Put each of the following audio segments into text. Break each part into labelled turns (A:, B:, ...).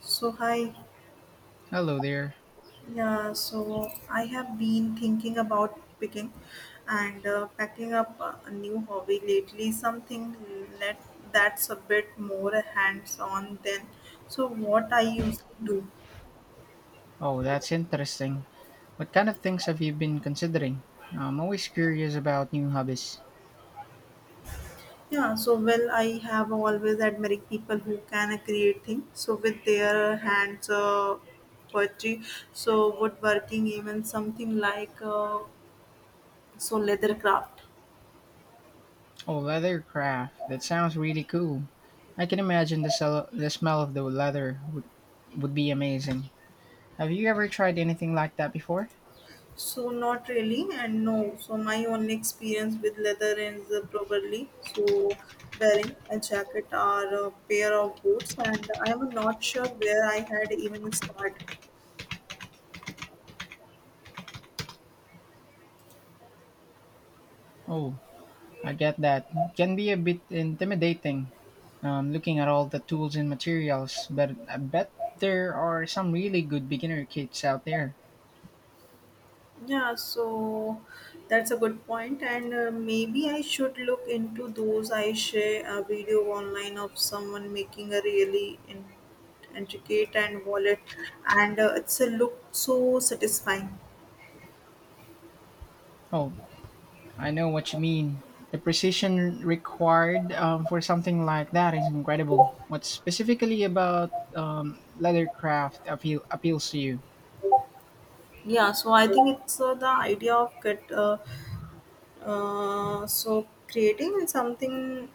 A: So hi,
B: Hello there.
A: yeah. So I have been thinking about picking and packing up a new hobby lately. Something that that's a bit more hands-on than so what I usually do.
B: Oh, that's interesting. What kind of things have you been considering? I'm always curious about new hobbies.
A: Yeah. So well, I have always admired people who can create things. So with their hands, poetry. So woodworking, even something like so leather craft.
B: Oh, leather craft. That sounds really cool. I can imagine the smell of the leather would be amazing. Have you ever tried anything like that before?
A: So not really, and no. So my only experience with leather is probably so wearing a jacket or a pair of boots, and I'm not sure where I had even started.
B: Oh, I get that. Can be a bit intimidating looking at all the tools and materials, but I bet there are some really good beginner kits out there.
A: Yeah, so that's a good point, and maybe I should look into those. I share a video online of someone making a really intricate and wallet, and it's a look so satisfying.
B: Oh, I know what you mean. The precision required for something like that is incredible. What specifically about leathercraft appeals to you?
A: Yeah, so I think it's the idea of get. So creating something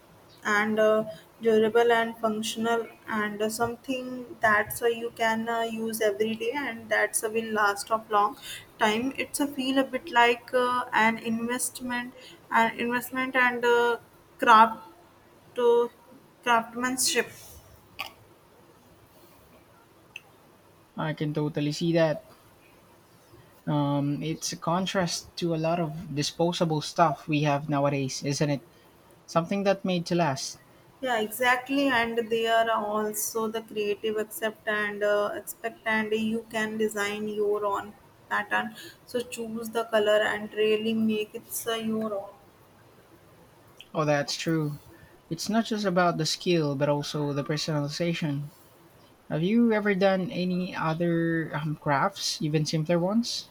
A: and durable and functional and something that's you can use every day and that's will last of long time it's a feel a bit like an investment and craft uh, craftsmanship.
B: I can totally see that. It's a contrast to a lot of disposable stuff we have nowadays, isn't it? Something that made to last.
A: Yeah, exactly, and they are also the creative accept and expect and you can design your own pattern, so choose the color and really make it your own.
B: Oh, that's true. It's not just about the skill, but also the personalization. Have you ever done any other crafts, even simpler ones?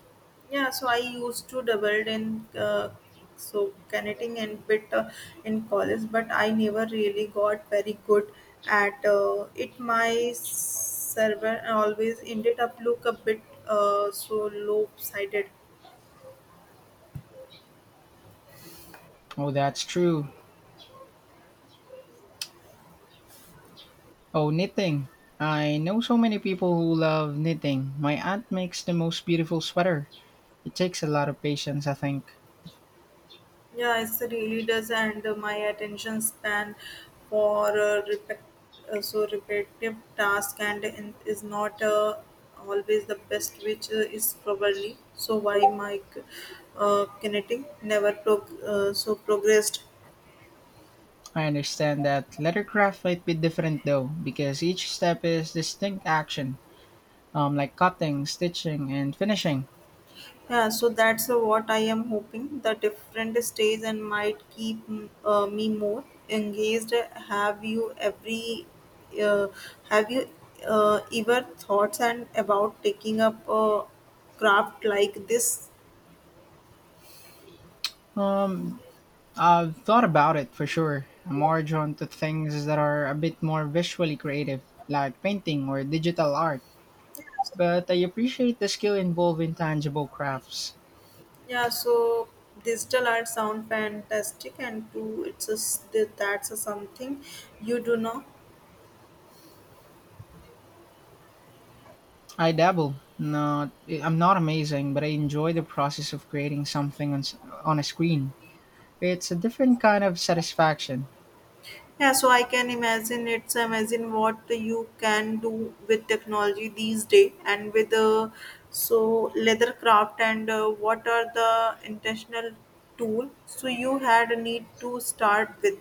A: Yeah, so I used to doubled in so connecting and bit in college, but I never really got very good at it. My server always ended up look a bit so low sided.
B: Oh, that's true. Oh, knitting. I know so many people who love knitting. My aunt makes the most beautiful sweater. It takes a lot of patience, I think.
A: Yeah, it really does, and my attention span for so repetitive task is not always the best, which is probably so why my kinetic never so progressed.
B: I understand that leathercraft might be different though, because each step is distinct action, like cutting, stitching, and finishing.
A: Yeah, so that's what I am hoping. The different stage and might keep me more engaged. Have you uh, have you ever thoughts and about taking up a craft like this?
B: Um, I've thought about it for sure. I'm more drawn to things that are a bit more visually creative, like painting or digital art. But I appreciate the skill involved in tangible crafts.
A: Yeah, so digital art sound fantastic, and too, it's a, that's a something you do know.
B: I dabble. Not, I'm not amazing, but I enjoy the process of creating something on a screen. It's a different kind of satisfaction.
A: Yeah, so I can imagine it's amazing what you can do with technology these days, and with so leather craft and what are the intentional tool so you had a need to start with.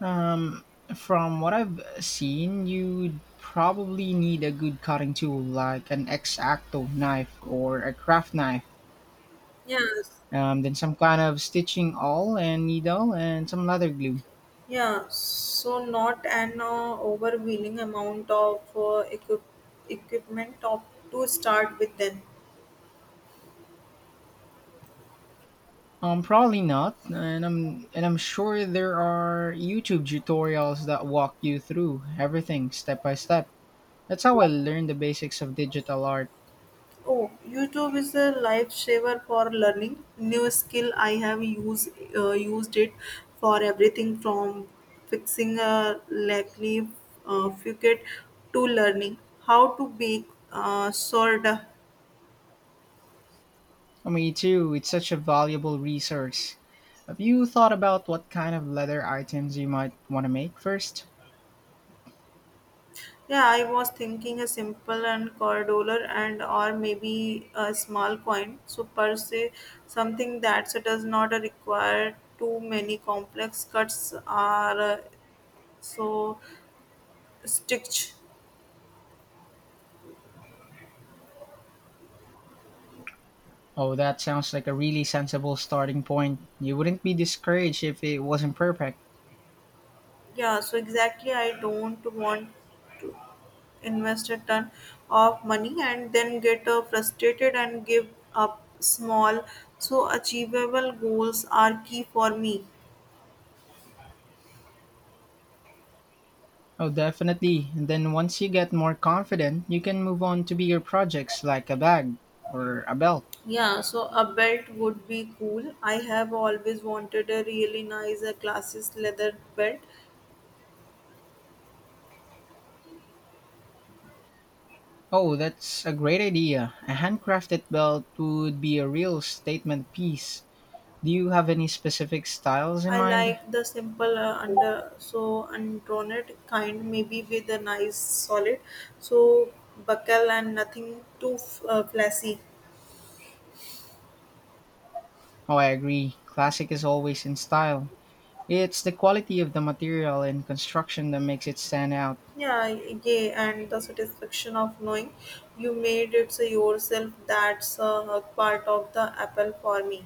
B: Um, from what I've seen, you'd probably need a good cutting tool like an X-Acto knife or a craft knife,
A: Yes.
B: then some kind of stitching awl and needle and some leather glue.
A: Yeah, so not an overwhelming amount of equipment of, to start with then.
B: Probably not, and I'm sure there are YouTube tutorials that walk you through everything step by step. That's how I learned the basics of digital art.
A: Oh, YouTube is a lifesaver for learning new skill. I have used it for everything from fixing a likely fugate to learning how to bake sourdough.
B: Me too, it's such a valuable resource. Have you thought about what kind of leather items you might want to make first?
A: Yeah, I was thinking a simple and core dollar and or maybe a small coin. So per se, something that does not require too many complex cuts are so stitch.
B: Oh, that sounds like a really sensible starting point. You wouldn't be discouraged if it wasn't perfect.
A: Yeah, so exactly, I don't want to invest a ton of money and then get frustrated and give up small. So, achievable goals are key for me.
B: Oh, definitely. And then once you get more confident, you can move on to bigger projects like a bag or a belt.
A: Yeah, so a belt would be cool. I have always wanted a really nice classes leather belt.
B: Oh, that's a great idea. A handcrafted belt would be a real statement piece. Do you have any specific styles in
A: I
B: mind?
A: like the simple under so undrawned kind, maybe with a nice solid so buckle and nothing too flashy.
B: Oh, I agree. Classic is always in style. It's the quality of the material and construction that makes it stand out.
A: Yeah, yeah, and the satisfaction of knowing you made it so yourself, that's a part of the apple for me.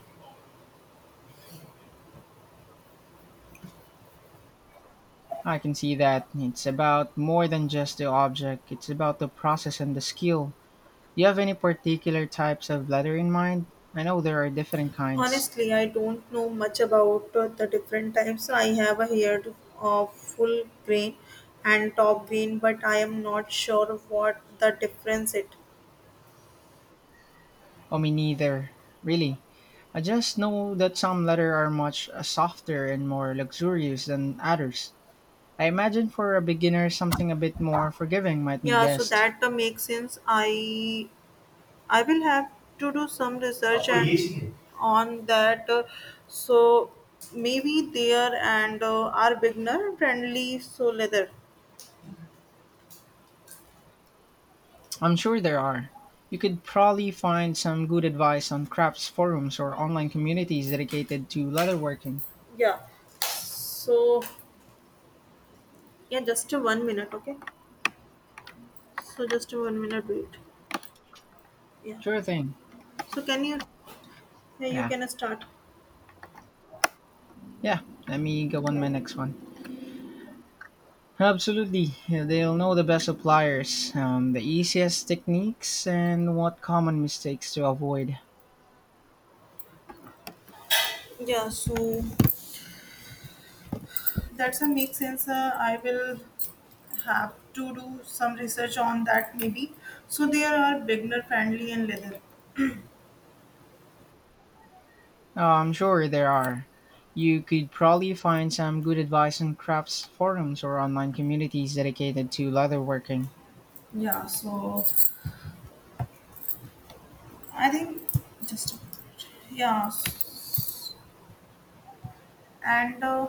B: I can see that. It's about more than just the object, it's about the process and the skill. Do you have any particular types of leather in mind? I know there are different kinds.
A: Honestly, I don't know much about the different types. I have heard of full grain and top grain, but I am not sure what the difference it.
B: Oh, me neither. Really. I just know that some leather are much softer and more luxurious than others. I imagine for a beginner something a bit more forgiving might be
A: Yeah, so
B: best.
A: that makes sense. I will have to do some research and on that. So maybe there and are beginner friendly. So leather.
B: I'm sure there are. You could probably find some good advice on crafts forums or online communities dedicated to leatherworking.
A: Yeah. So yeah, just a 1 minute. Okay. So just a 1 minute wait. Yeah.
B: Sure thing.
A: So can you? Yeah, you
B: Yeah.
A: can start.
B: Yeah. Let me go on my next one. Absolutely. Yeah, they'll know the best suppliers, the easiest techniques, and what common mistakes to avoid.
A: Yeah. So that's a make sense. I will have to do some research on that maybe. So there are beginner friendly and leather.
B: Oh, I'm sure there are. You could probably find some good advice on crafts forums or online communities dedicated to leatherworking.
A: Yeah. So I think just a minute. Yeah. s- And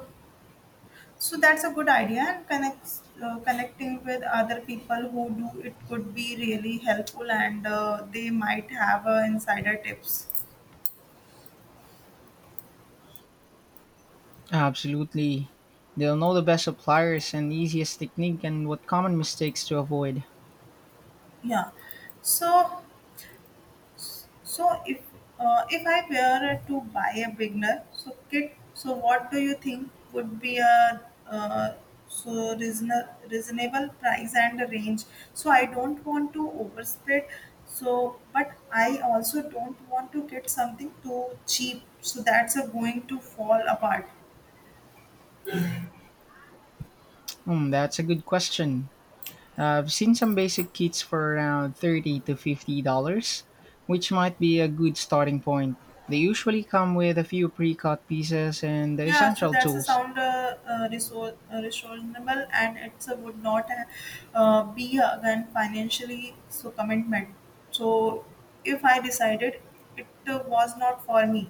A: So that's a good idea, and connects connecting with other people who do it could be really helpful, and they might have insider tips.
B: Absolutely. They'll know the best suppliers and easiest technique and what common mistakes to avoid.
A: Yeah. So So if I were to buy a beginner so kit, so what do you think would be a uh, so reasonable price and a range? So I don't want to overspend. So but I also don't want to get something too cheap. So that's a going to fall apart.
B: Hmm, that's a good question. I've seen some basic kits for around 30 to $50, which might be a good starting point. They usually come with a few pre-cut pieces and the
A: Yeah, so
B: essential
A: that's a
B: tools.
A: sound reasonable, and it's would not be again financially so commitment. So if I decided it was not for me,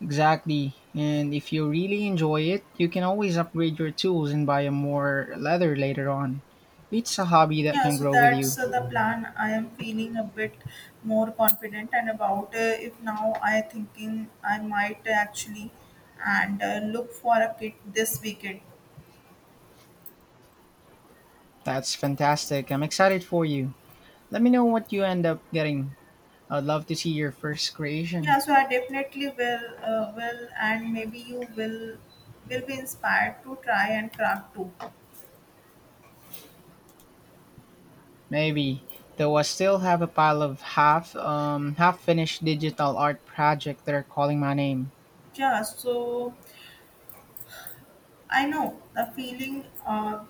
B: Exactly. And if you really enjoy it, you can always upgrade your tools and buy a more leather later on. It's a hobby that
A: yeah,
B: can
A: so
B: grow with you.
A: that's the plan. I am feeling a bit more confident and about if now I thinking I might actually and look for a kit this weekend.
B: That's fantastic. I'm excited for you. Let me know what you end up getting. I'd love to see your first creation.
A: Yeah, so I definitely will, and maybe you will be inspired to try and craft too.
B: Maybe. Though I still have a pile of half finished digital art project that are calling my name.
A: Yeah, so I know the feeling.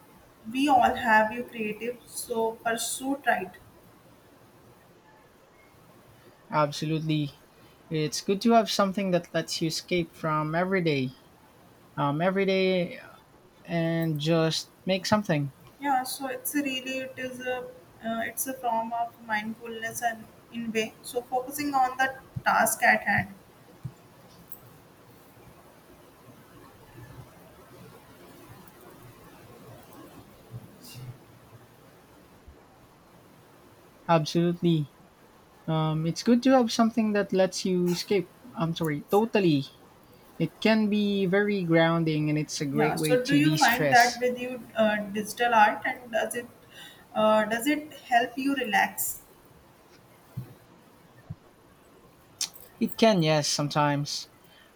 A: We all have. You creative, so pursue right.
B: Absolutely. It's good to have something that lets you escape from everyday and just make something.
A: Yeah, so it's a really it's a form of mindfulness and in way. So focusing on the task at hand.
B: Absolutely. It's good to have something that lets you escape. I'm sorry, totally. It can be very grounding and it's a
A: Yeah.
B: great way
A: So do
B: to
A: you
B: de
A: find that
B: stress.
A: with you digital art, and does it help you relax?
B: It can, yes, sometimes.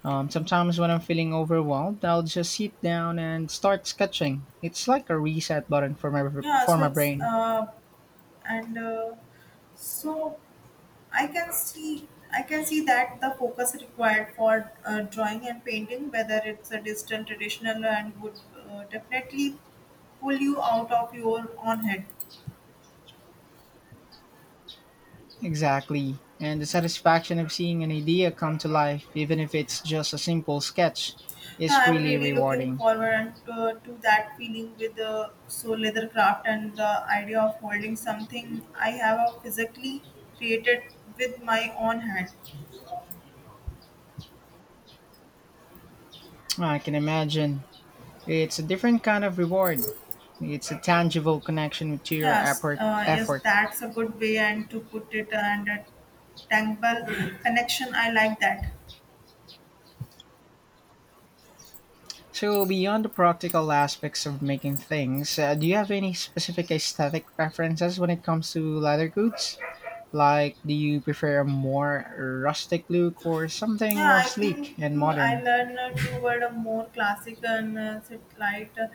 B: Sometimes when I'm feeling overwhelmed, I'll just sit down and start sketching. It's like a reset button for my,
A: Yeah,
B: for
A: so
B: my
A: it's
B: brain.
A: and so i can see I can see that the focus required for drawing and painting, whether it's a distant traditional and would definitely pull you out of your own head.
B: Exactly. And the satisfaction of seeing an idea come to life, even if it's just a simple sketch,
A: Yeah,
B: is
A: I'm
B: really
A: really looking
B: rewarding.
A: forward to that feeling with the so leather craft, and the idea of holding something I have physically created with my own hand.
B: I can imagine. It's a different kind of reward. It's a tangible connection to your
A: Yes,
B: effort.
A: yes,
B: effort.
A: that's a good way and to put it, and a tangible connection. I like that.
B: So, beyond the practical aspects of making things, do you have any specific aesthetic preferences when it comes to leather goods? Like, do you prefer a more rustic look or something
A: Yeah,
B: more
A: I
B: sleek
A: think
B: and
A: I
B: modern?
A: learn toward a more classic and sit light,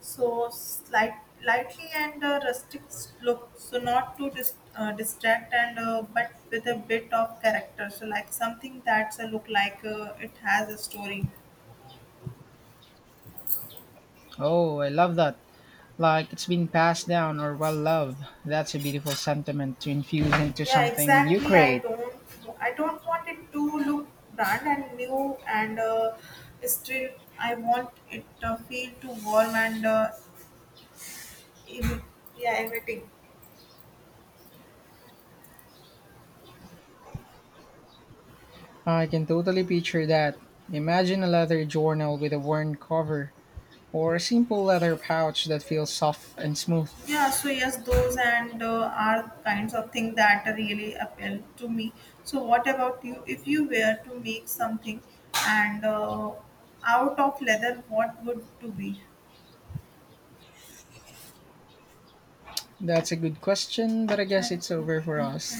A: so slight, lightly and rustic look. So not to distract and but with a bit of character. So like something that's a look like it has a story.
B: Oh, I love that. Like, it's been passed down or well loved. That's a beautiful sentiment to infuse into
A: Yeah,
B: something you
A: exactly, i
B: create.
A: don't i don't want it to look brand and new and still I want it to feel too warm and im- yeah, everything.
B: I can totally picture that. Imagine a leather journal with a worn cover, or a simple leather pouch that feels soft and smooth.
A: Yeah, so yes, those and are kinds of things that really appeal to me. So what about you, if you were to make something and out of leather, what would to be?
B: That's a good question, but I guess
A: thank
B: it's
A: you
B: over for
A: thank you
B: us.